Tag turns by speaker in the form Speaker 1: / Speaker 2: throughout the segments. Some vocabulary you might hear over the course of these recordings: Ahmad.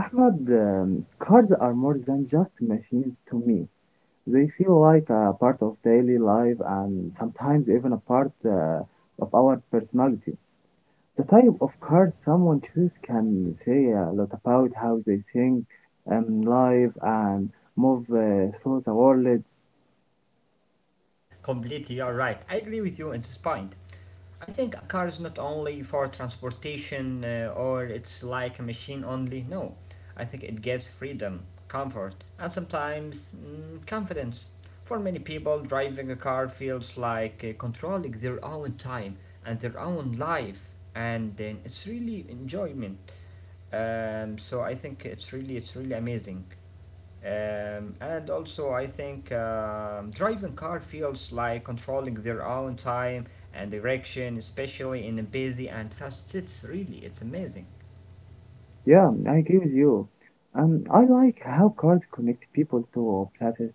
Speaker 1: Ahmad, cars are more than just machines to me. They feel like a part of daily life and sometimes even a part of our personality. The type of cars someone chooses can say a lot about how they think, live, and move through the world. Yeah, I agree with you. I like how cars connect people to places.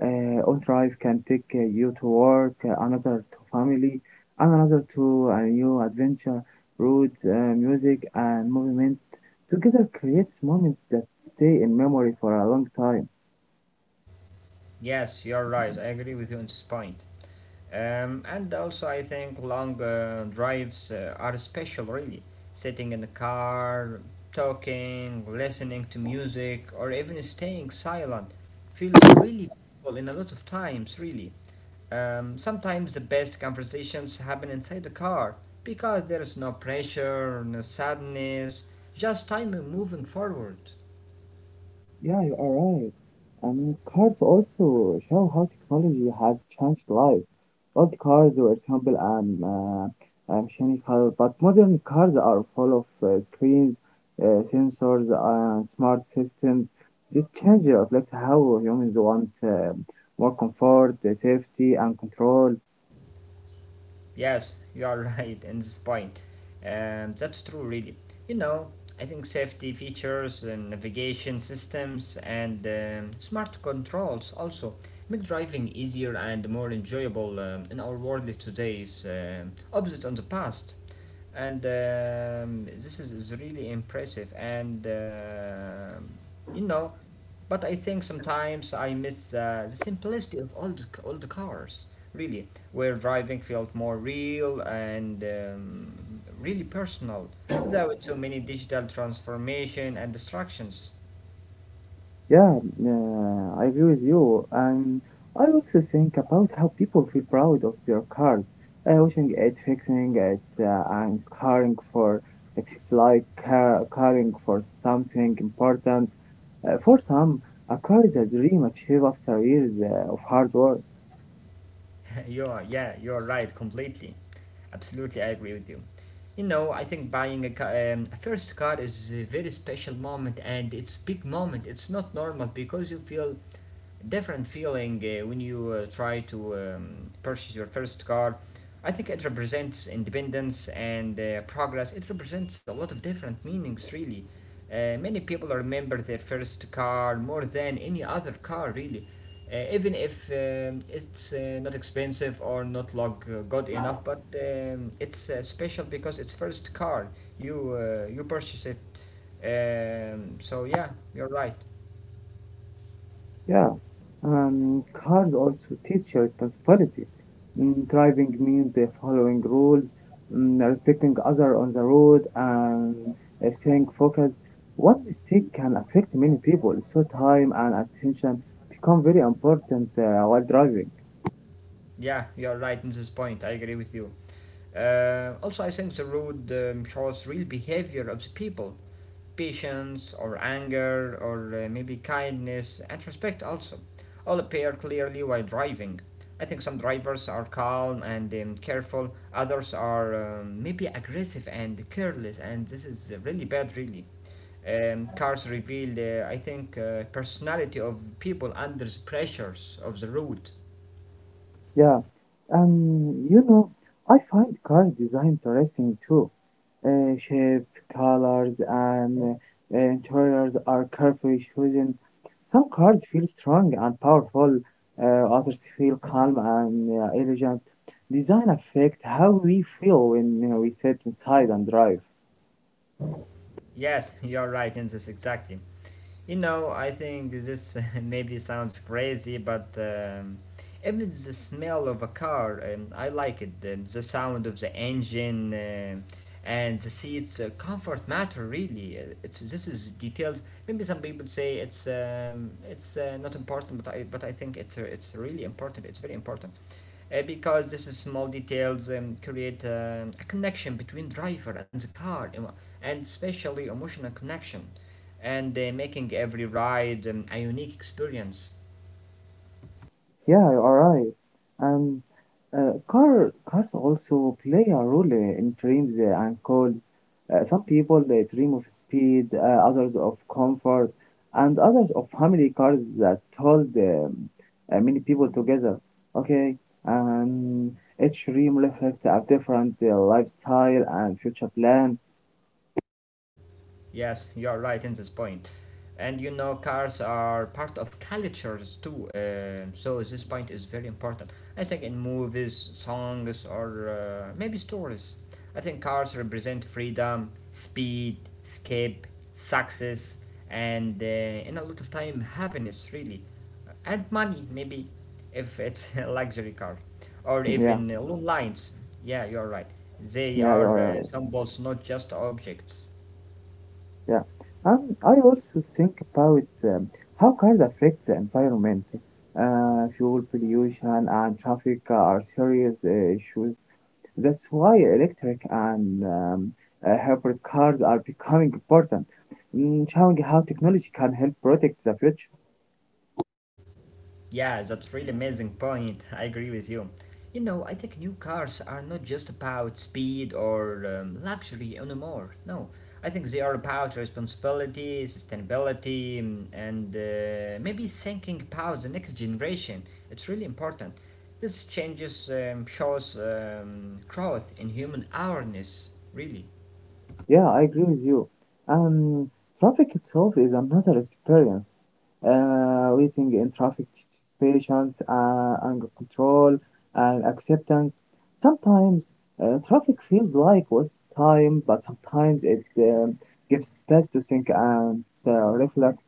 Speaker 1: On drive can take you to work, another to family, and another to a new adventure. Roads, music, and movement together creates moments that stay in memory for a long time. Yeah, you are right. I mean, cars also show how technology has changed life. Old cars were simple and mechanical, but modern cars are full of screens, sensors, and smart systems. This change reflects how humans want more comfort, safety, and control. Yeah, I agree with you. And I also think about how people feel proud of their cars, washing it, fixing it, and caring for it. It's like car caring for something important. For some, a car is a dream achieved after years of hard work. Yeah, cars also teach you responsibility. Mm, driving means following rules, mm, respecting other on the road, and staying focused. One mistake can affect many people, so time and attention become very important while driving. Yeah, and I find cars design interesting too. Shapes, colors, and interiors are carefully chosen. Some cards feel strong and powerful, others feel calm and elegant. Design affects how we feel when you we sit inside and drive. Yeah, you are right. And cars also play a role in dreams and goals. Some people they dream of speed, others of comfort, and others of family cars that hold many people together. Okay, and each dream reflects a different lifestyle and future plan. Yeah, yeah, you are right. Yeah. I also think about how cars affect the environment. Fuel pollution and traffic are serious issues. That's why electric and hybrid cars are becoming important, mm, showing how technology can help protect the future. Yeah, I agree with you. Um, Traffic itself is another experience. Waiting in traffic teaches patience, anger control, and acceptance. Sometimes traffic feels like waste time, but sometimes it gives space to think and reflect.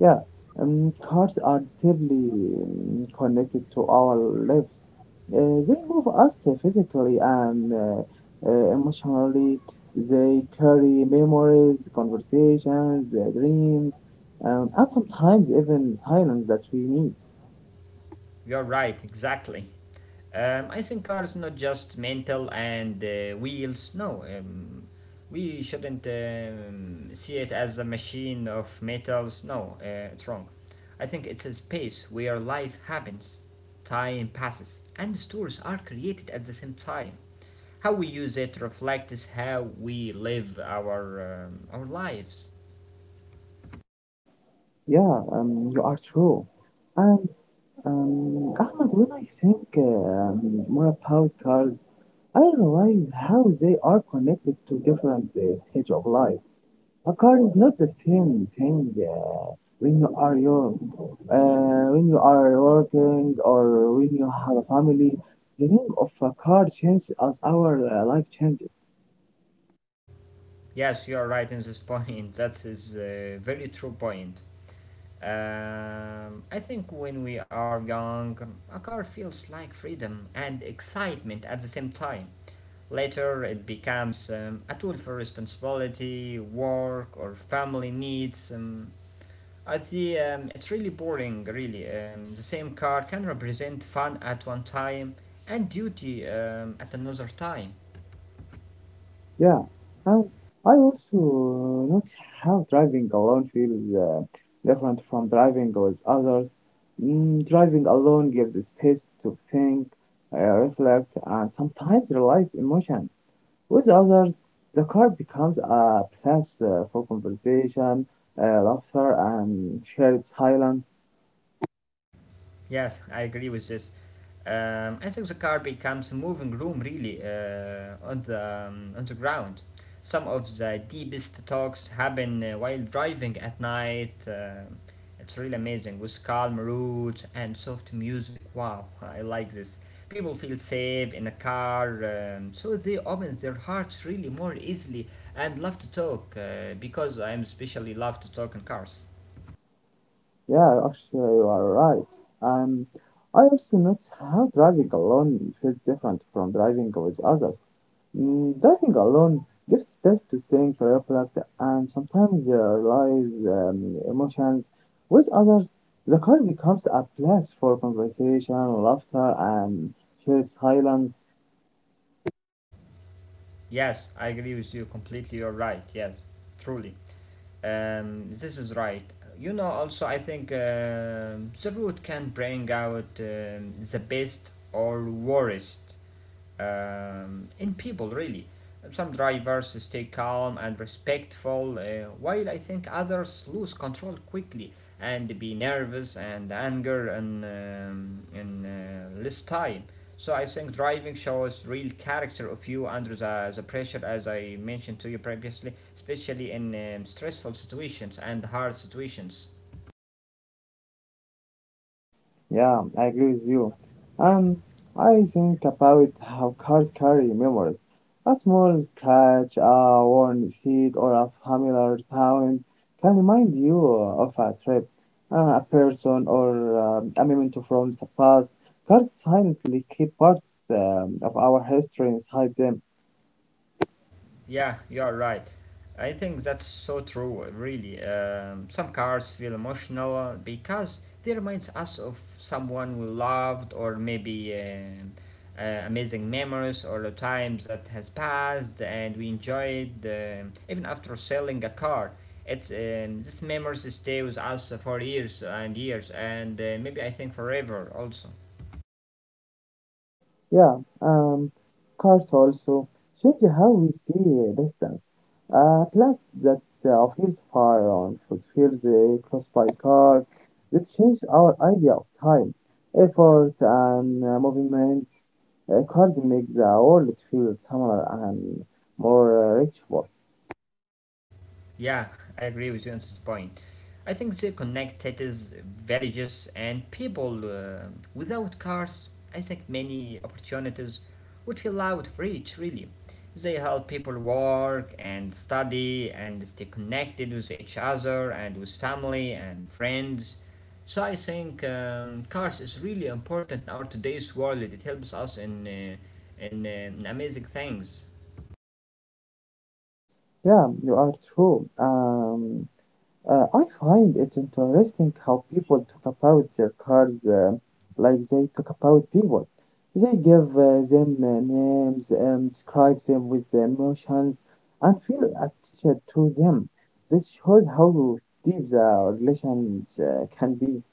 Speaker 1: Yeah, cars are deeply connected to our lives. They move us physically and emotionally. They carry memories, conversations, dreams, and sometimes even silence that we need. Yeah, you are true. And Ahmed, when I think more about cars, I realize how they are connected to different stage of life. A car is not the same thing when you are young, when you are working, or when you have a family. The name of a car changes as our life changes. Yeah, and I also notice how driving alone feels different from driving with others. Mm, driving alone gives space to think, reflect, and sometimes realize emotions. With others, the car becomes a place for conversation, laughter, and shared silence. Yeah, actually, you are right. Um, I also notice how driving alone feels different from driving with others. Mm, Diving alone gives space to think, reflect, and sometimes realize emotions. With others, the car becomes a place for conversation, laughter, and shared silence. Yeah, I agree with you. And I think about how cars carry memories. A small scratch, a worn seat, or a familiar sound can remind you of a trip, a person, or a memento from the past. Cars silently keep parts of our history inside them. Yeah, cars also change how we see distance. A place that feels far on should feels close by car. They change our idea of time, effort, and movement. Cars make the world feel smaller and more reachable. Yeah, you are true. I find it interesting how people talk about their cars like they talk about people. They give them names, describe them with the emotions, and feel attached to them. This shows how deep the relation can be.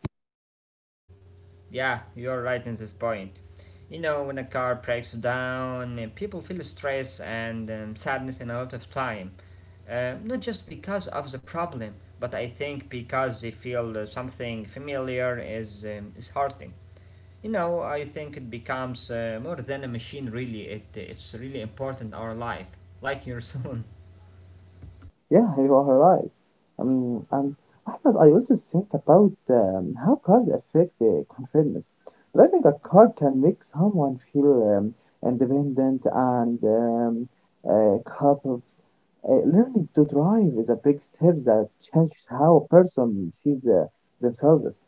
Speaker 1: Yeah, you are right. And Ahmed, I also think about how cars affect the confidence. Driving a car can make someone feel independent and capable. Learning to drive is a big step that changes how a person sees themselves.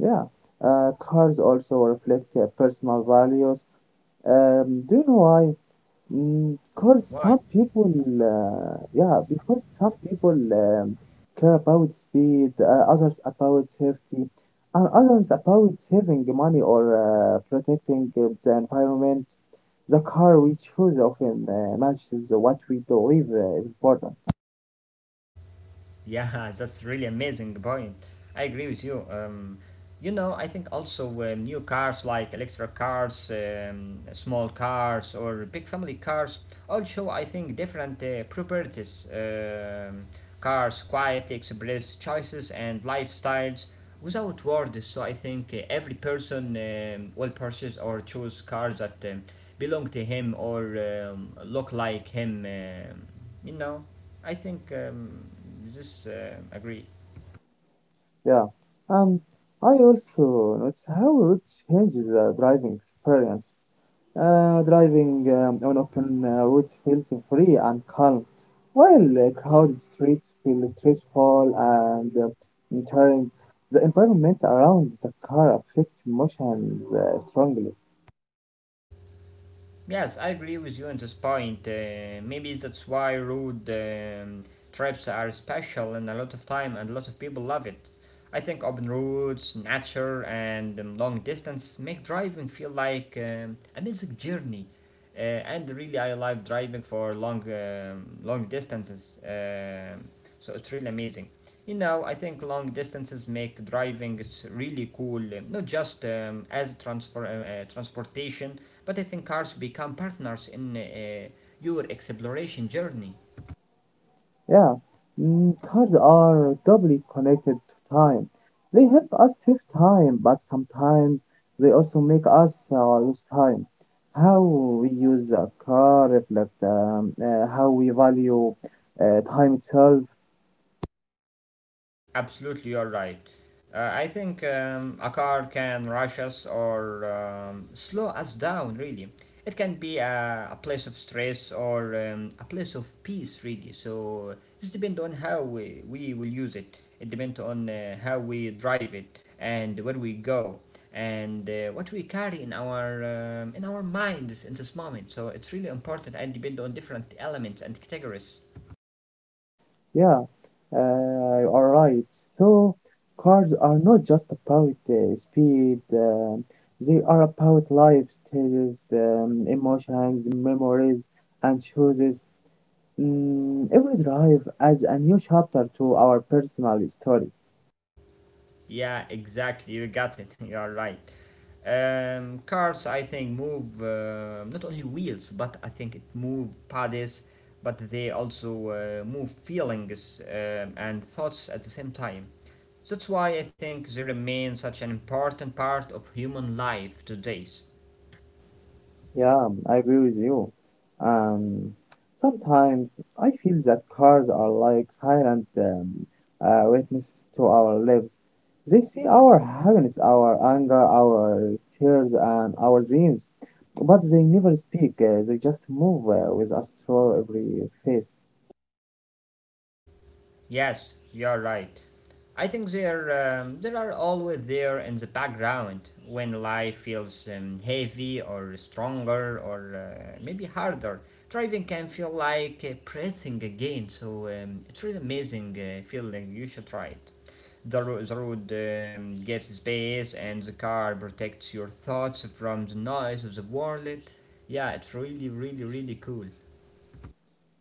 Speaker 1: Yeah, cars also reflect personal values. Do you know why? Because some people, yeah, because some people care about speed, others about safety, and others about saving money or protecting the environment. The car we choose often matches what we believe is important. Yeah, and I also notice how routes changes the driving experience. Driving on open roads feels free and calm, while crowded streets feel stressful and tiring. The environment around the car affects emotions strongly. Yeah, mm, cars are doubly connected to time. They help us save time, but sometimes they also make us lose time. How we use a car reflect how we value time itself. Yeah, you are right. So, cars are not just about speed, they are about life stages, emotions, memories, and choices. Mm, every drive adds a new chapter to our personal story. Yeah, I agree with you. Um, Sometimes I feel that cars are like silent witnesses to our lives. They see our happiness, our anger, our tears, and our dreams, but they never speak. They just move with us through every phase.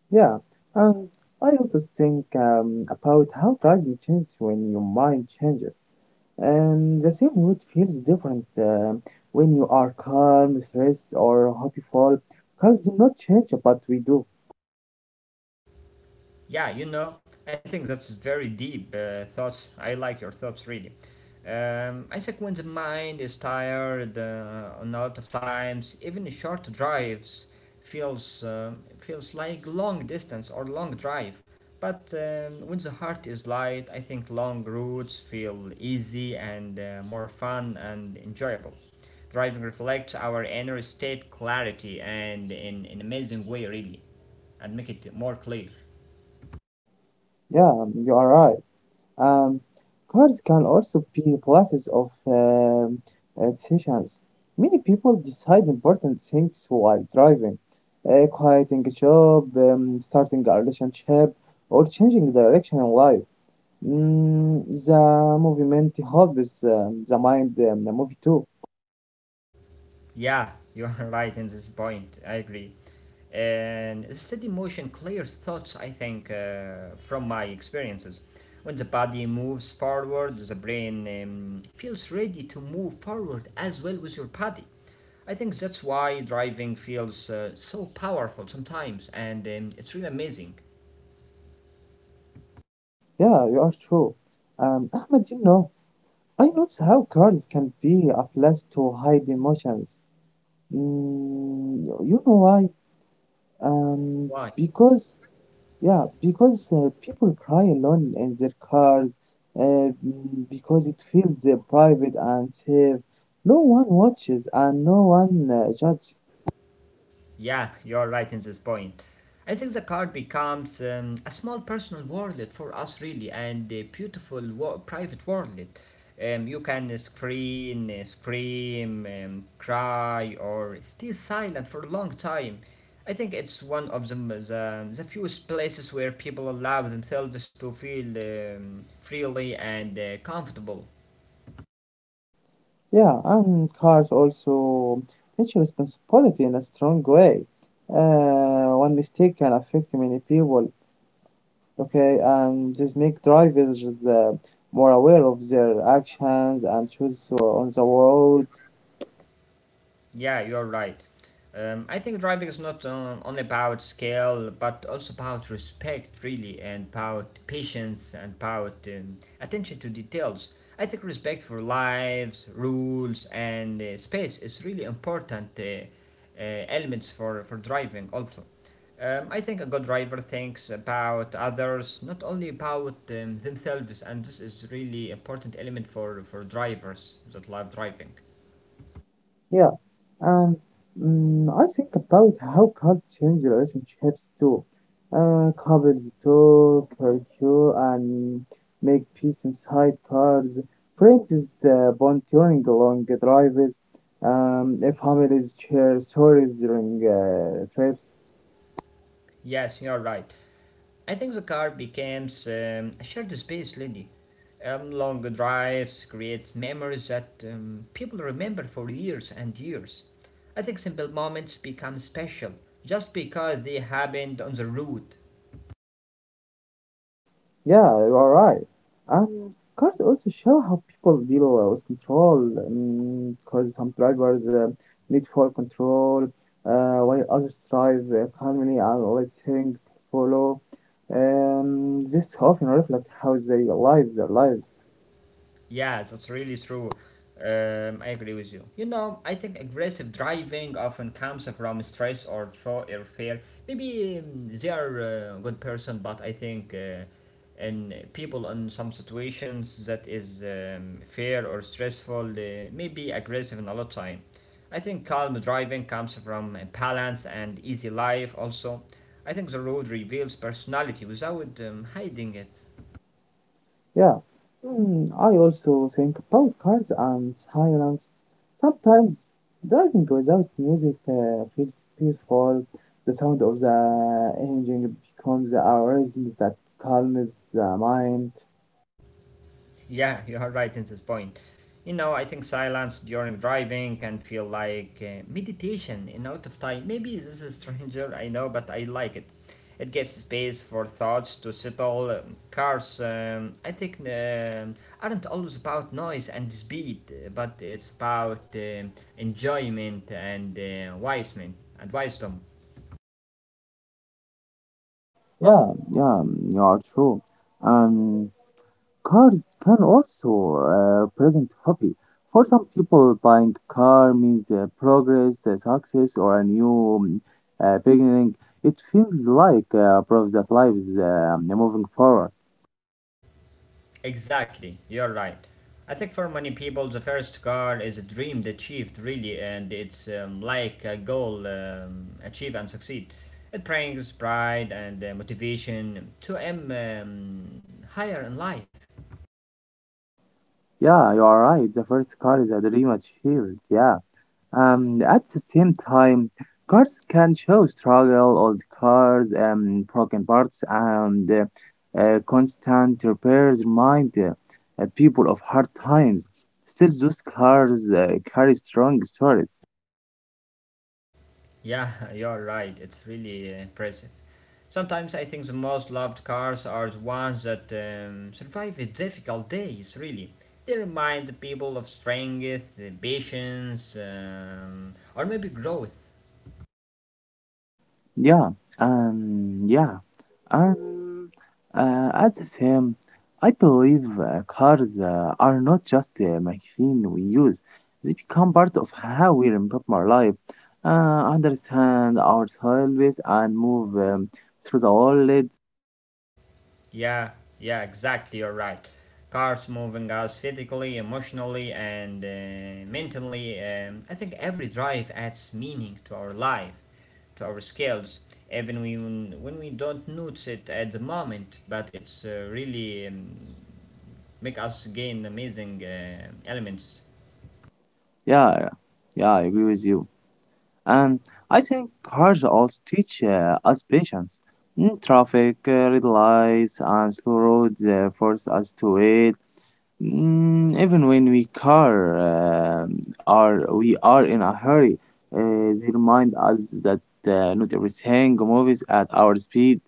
Speaker 1: Yeah, and I also think about how driving changes when your mind changes. The same mood feels different when you are calm, stressed, or hopeful. Cars do not change, but we do. Yeah, you are right. Um, Cars can also be places of decisions. Many people decide important things while driving, quitting a job, starting a relationship, or changing direction in life. Mm, the movement helps the mind, the movie too. Yeah, you are true. Ahmed, you know, I notice how girls can be a place to hide emotions. Mm, you know why? Um, because, yeah, because people cry alone in their cars, uh, because it feels private and safe. No one watches and no one judges. Yeah, and cars also teach responsibility in a strong way. One mistake can affect many people. Okay, and this make drivers more aware of their actions and choices on the road. Yeah, and mm, I think about how cars change relationships too. Couples talk, argue, and make peace inside cars. Friends bond during the long drives. If families share stories during trips. Yeah, you are right. And mm, cars also show how people deal with control, because some drivers need for control, while others drive calmly and let things follow. This often reflects how they live their lives. Yeah, mm, I also think about cars and silence. Sometimes driving without music feels peaceful. The sound of the engine becomes a rhythm that calms the mind. Yeah, yeah, you are true. Um, Cars can also present happy. For some people, buying a car means progress, success, or a new beginning. It feels like proof that life is moving forward. Yeah, you are right. The first car is a dream achieved. Yeah. At the same time, cards can show struggle, old cars, broken parts, and constant repairs remind people of hard times. Still, those cars carry strong stories. Yeah, um, yeah, um, at the same, I believe cars are not just a machine we use; they become part of how we remember our life, understand ourselves, and move through the world. Yeah, yeah, yeah, I agree with you. And I think cars also teach us patience. Mm, traffic, red lights, and slow roads force us to wait. Mm, even when we are in a hurry, they remind us that not everything moves at our speed.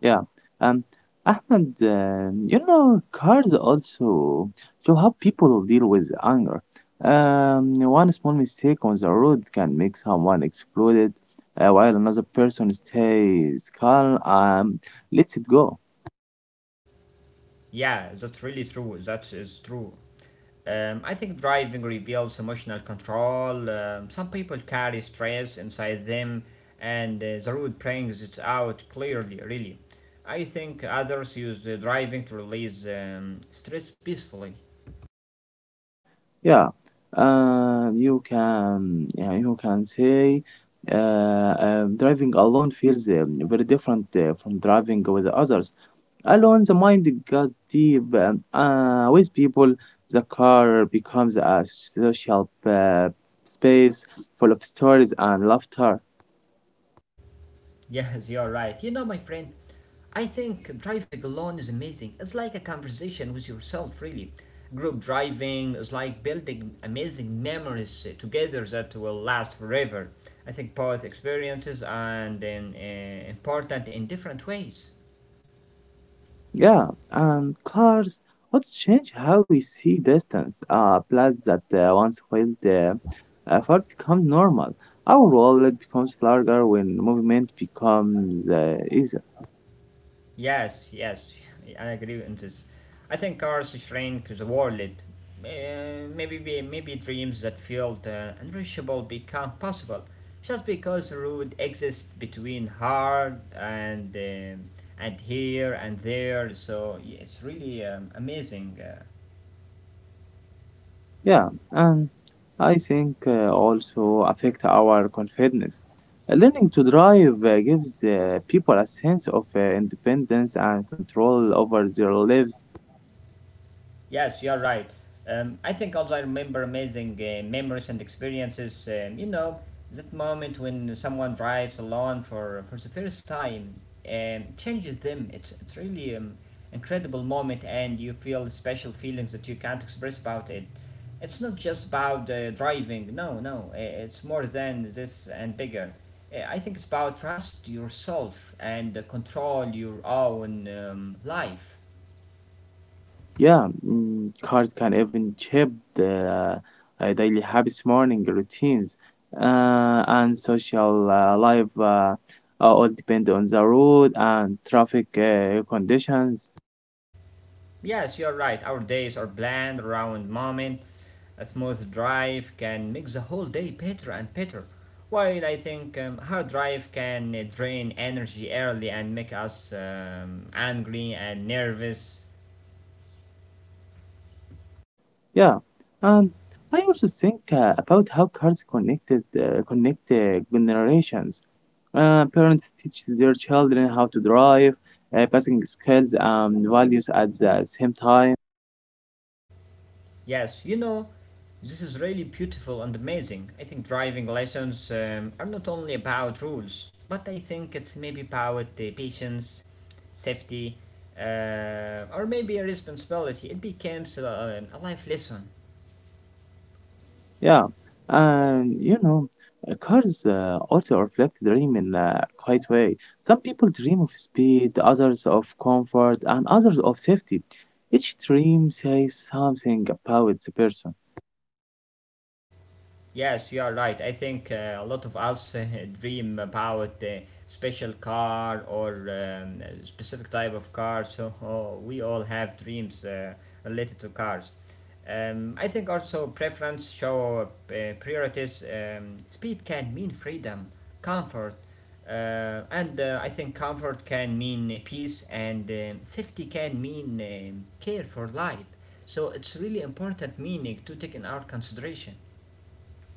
Speaker 1: Yeah. Um, Ahmed, you know, cars also show how people deal with anger. One small mistake on the road can make someone exploded, while another person stays calm and lets it go. Yeah, you can yeah, you can say driving alone feels very different from driving with others. Alone, the mind goes deep. With people, the car becomes a social space full of stories and laughter. Yeah, and cars also change how we see distance. A place that once felt far becomes normal. Our world becomes larger when movement becomes easier. Yeah, and I think also affect our confidence. Learning to drive gives people a sense of independence and control over their lives. Yeah, mm, cards can even shape the daily habits, morning routines, and social life all depend on the road and traffic conditions. Yeah, and I also think about how cards connect generations. Parents teach their children how to drive, passing skills and values at the same time. Yeah, and you know, cars also reflect dream in a quite way. Some people dream of speed, others of comfort, and others of safety. Each dream says something about the person.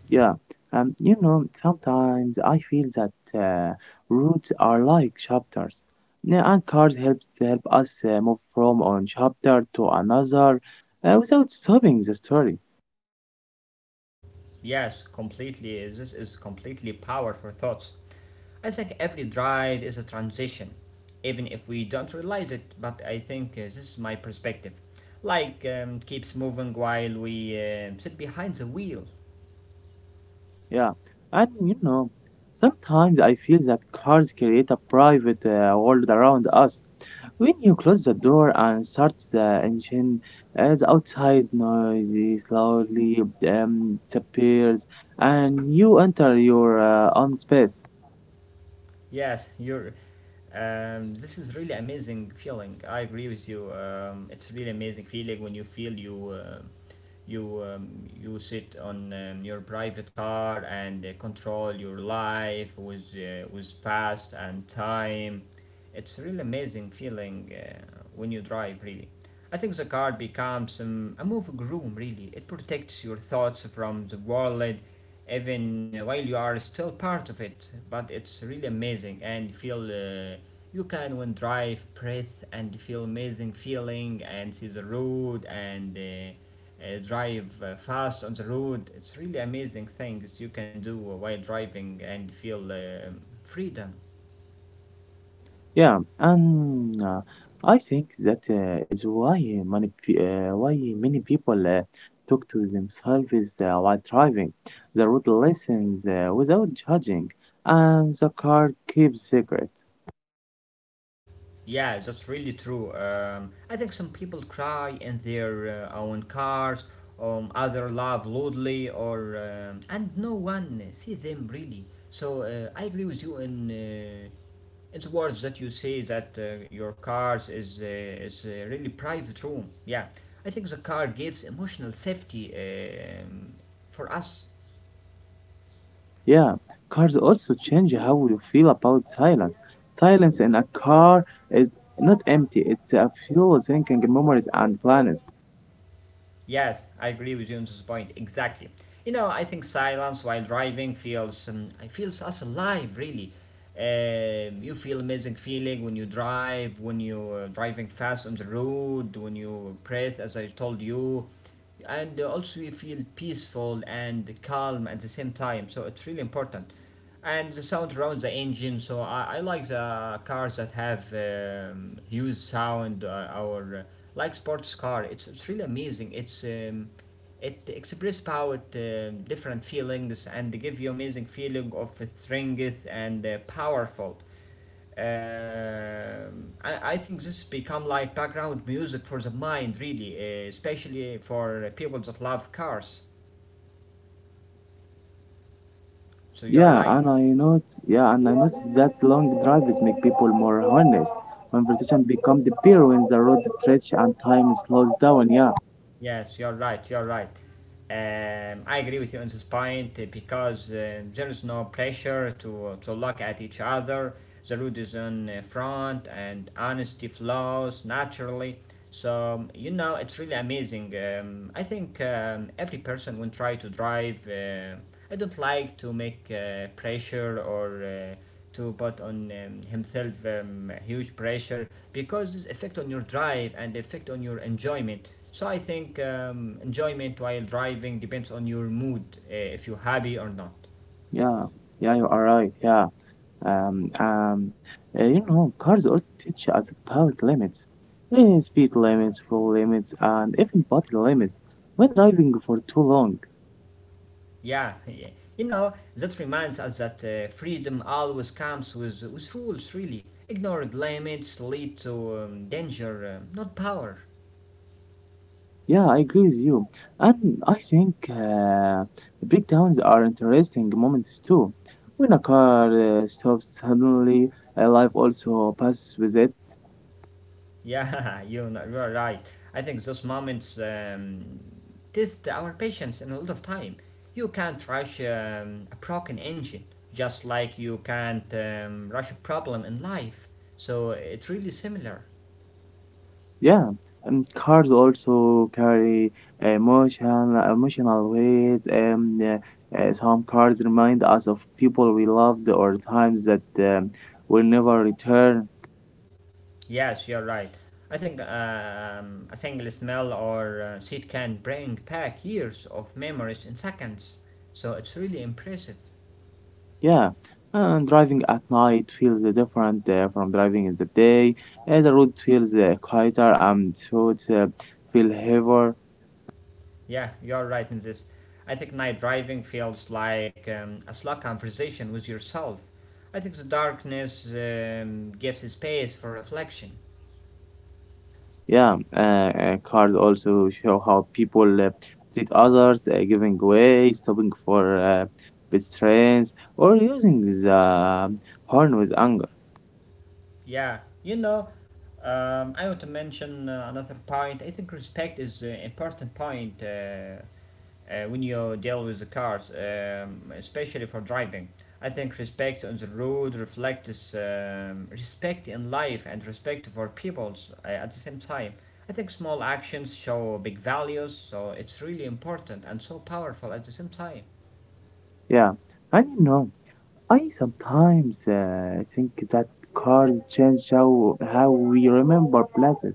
Speaker 1: Yeah, and you know, sometimes I feel that routes are like chapters. Yeah, and cars help us move from one chapter to another without stopping the story. Yeah, and you know, sometimes I feel that cars create a private world around us. When you close the door and start the engine, as outside noise slowly disappears, and you enter your own space. Yeah, and I think that is why why many people talk to themselves while driving. The road listens without judging, and the car keeps secret. Yeah, cars also change how you feel about silence. Silence in a car is not empty; it's a fuel, thinking, memories, and plans. Yeah, and I know yeah, and I noticed that long drives make people more honest. Conversation become the beer when the road stretch and time slows down. Yeah, yeah, yeah, you are right. Yeah, um, um, you know, cars also teach us about limits. Eh, speed limits, full limits, and even body limits. When driving for too long, yeah, I agree with you. And I think breakdowns are interesting moments too. When a car stops suddenly, life also passes with it. Yeah, and cars also carry emotional weight. Some cars remind us of people we loved or times that will never return. Yeah, and driving at night feels different from driving in the day. The road feels quieter and thoughts feel heavier. Yeah, cars also show how people treat others, giving way, stopping for pedestrians, or using the horn with anger. Yeah, and you know, I sometimes think that cars change how we remember places.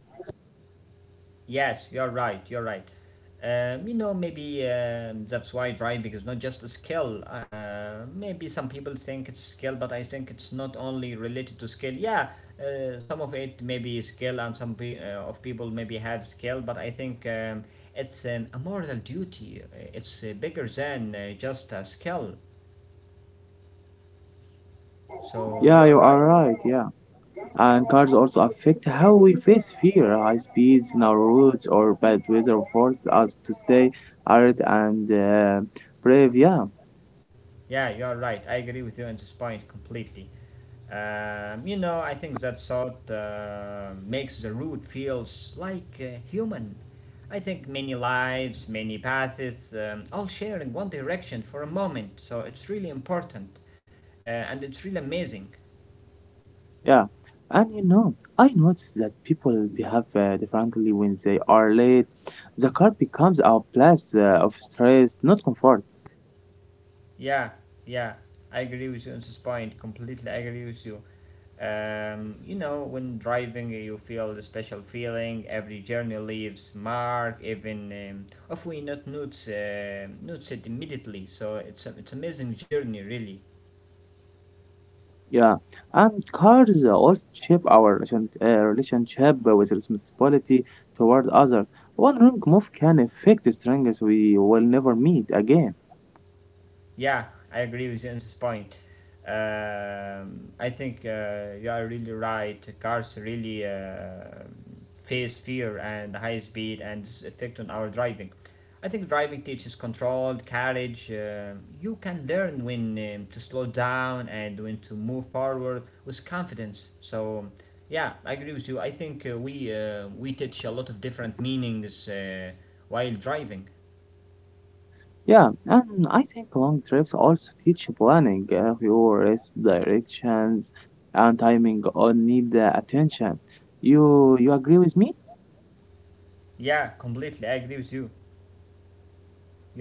Speaker 1: Yeah, you are right. Yeah. And cars also affect how we face fear. High speeds, narrow roads, or bad weather force us to stay alert and brave. Yeah, yeah. And you know, I noticed that people behave differently when they are late. The car becomes our place of stress, not comfort. Yeah, and cars also shape our relationship with responsibility toward others. One wrong move can affect strangers we will never meet again. Yeah, and I think long trips also teach planning, your rest directions, and timing all need attention. You agree with me?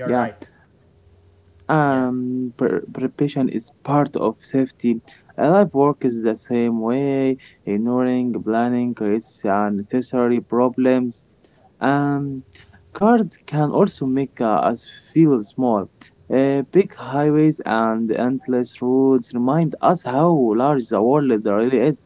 Speaker 1: Yeah. Preparation is part of safety. Life work is the same way. Ignoring planning creates unnecessary problems. Um, Cars can also make us feel small. Big highways and endless roads remind us how large the world really is.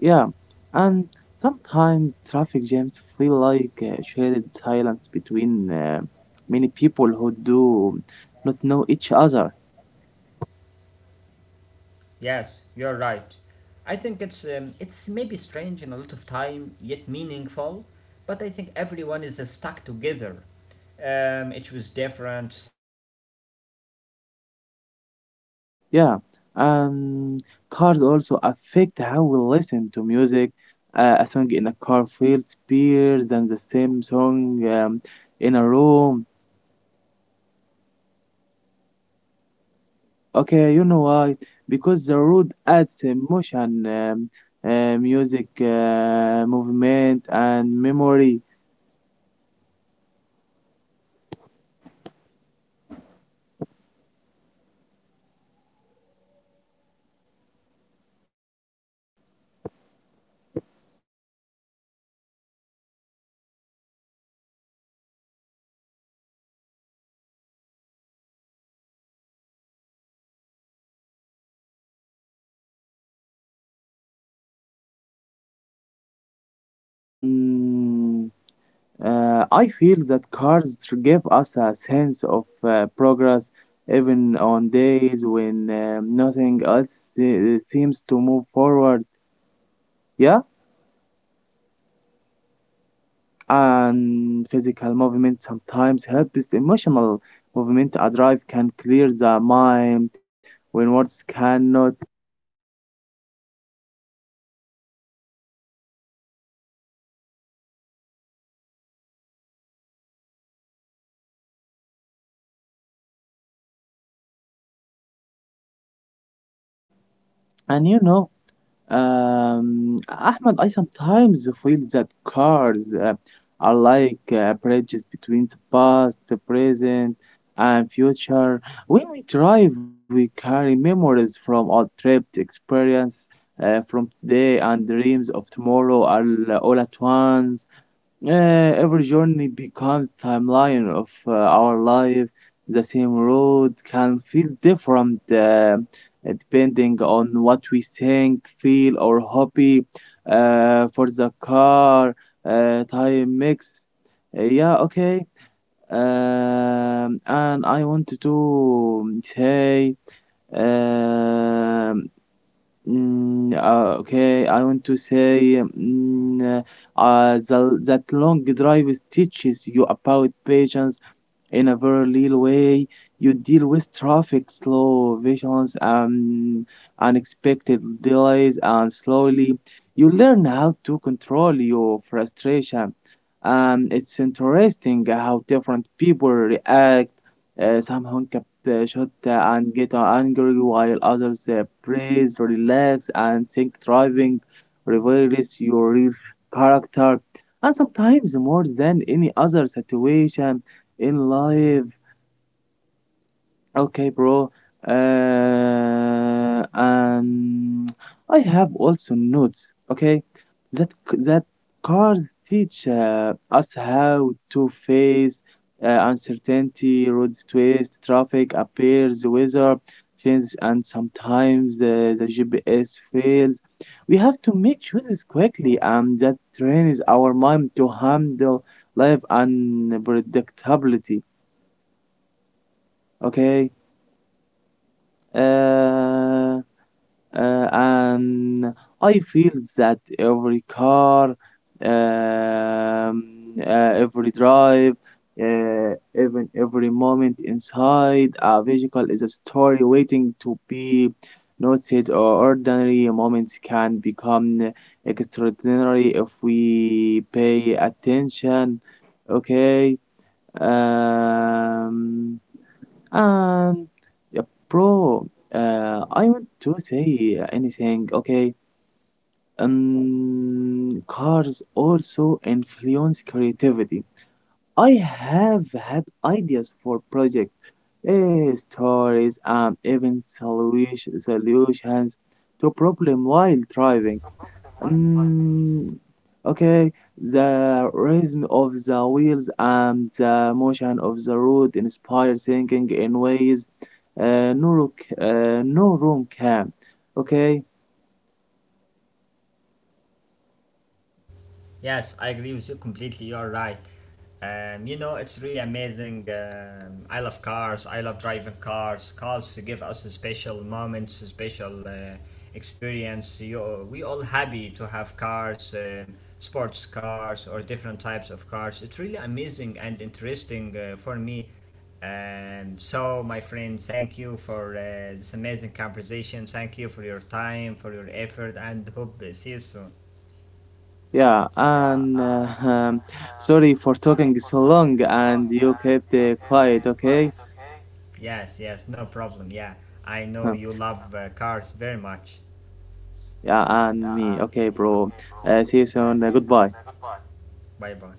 Speaker 1: Yeah, and sometimes traffic jams feel like shared silence between many people who do not know each other. Yeah, um, cars also affect how we listen to music. A song in a car feels better than the same song in a room. Okay, you know why? Because the road adds emotion, music, movement, and memory. Yeah, and I feel that cars give us a sense of progress even on days when nothing seems to move forward. Yeah, and physical movement sometimes helps emotional movement. A drive can clear the mind when words cannot. And you know, Ahmed, I sometimes feel that cars are like bridges between the past, the present, and future. When we drive, we carry memories from our trip, experience from today, and dreams of tomorrow all at once. Uh, every journey becomes timeline of our life. The same road can feel different depending on what we think, feel, or hobby. For the car, time mix. Yeah, okay. And I want to say, um, okay, I want to say that long drive teaches you about patience in a very real way. You deal with traffic, slow visions, and unexpected delays, and slowly you learn how to control your frustration. It's interesting how different people react. Some honk up the shot and get angry, while others praise, relax, and think driving reveals your real character. And sometimes more than any other situation in live. Okay, bro. Uh, um, I have also notes. Okay, that cars teach us how to face uncertainty, roads twist, traffic appears, weather changes, and sometimes the GPS fails. We have to make choices quickly, and that trains our mind to handle life unpredictability. Okay. uh, and I feel that every car, um, every drive, even every moment inside a vehicle is a story waiting to be noted, or ordinary moments can become extraordinary if we pay attention. Okay. Um, and yeah, bro, uh, I want to say anything, okay? Cars also influence creativity. I have had ideas for projects, eh, stories, and even solutions to problem while driving. Um, okay, the rhythm of the wheels and the motion of the road inspire thinking in ways uh, no, rook, no room can. Okay,
Speaker 2: Yes, I agree with you completely. You are right. It's really amazing. I love cars. I love driving cars. Cars give us special moments, special experience. We all happy to have cars, sports cars, or different types of cars. It's really amazing and interesting for me. So, my friend, thank you for this amazing conversation. Thank you for your time, for your effort, and hope see you soon.
Speaker 1: yeah, and sorry for talking so long, and you kept quiet. Okay,
Speaker 2: Yes, yes, no problem. Yeah, I know
Speaker 1: huh.
Speaker 2: you love cars very much.
Speaker 1: Yeah, and me. Okay, bro. See you soon. Goodbye.
Speaker 2: Bye bye.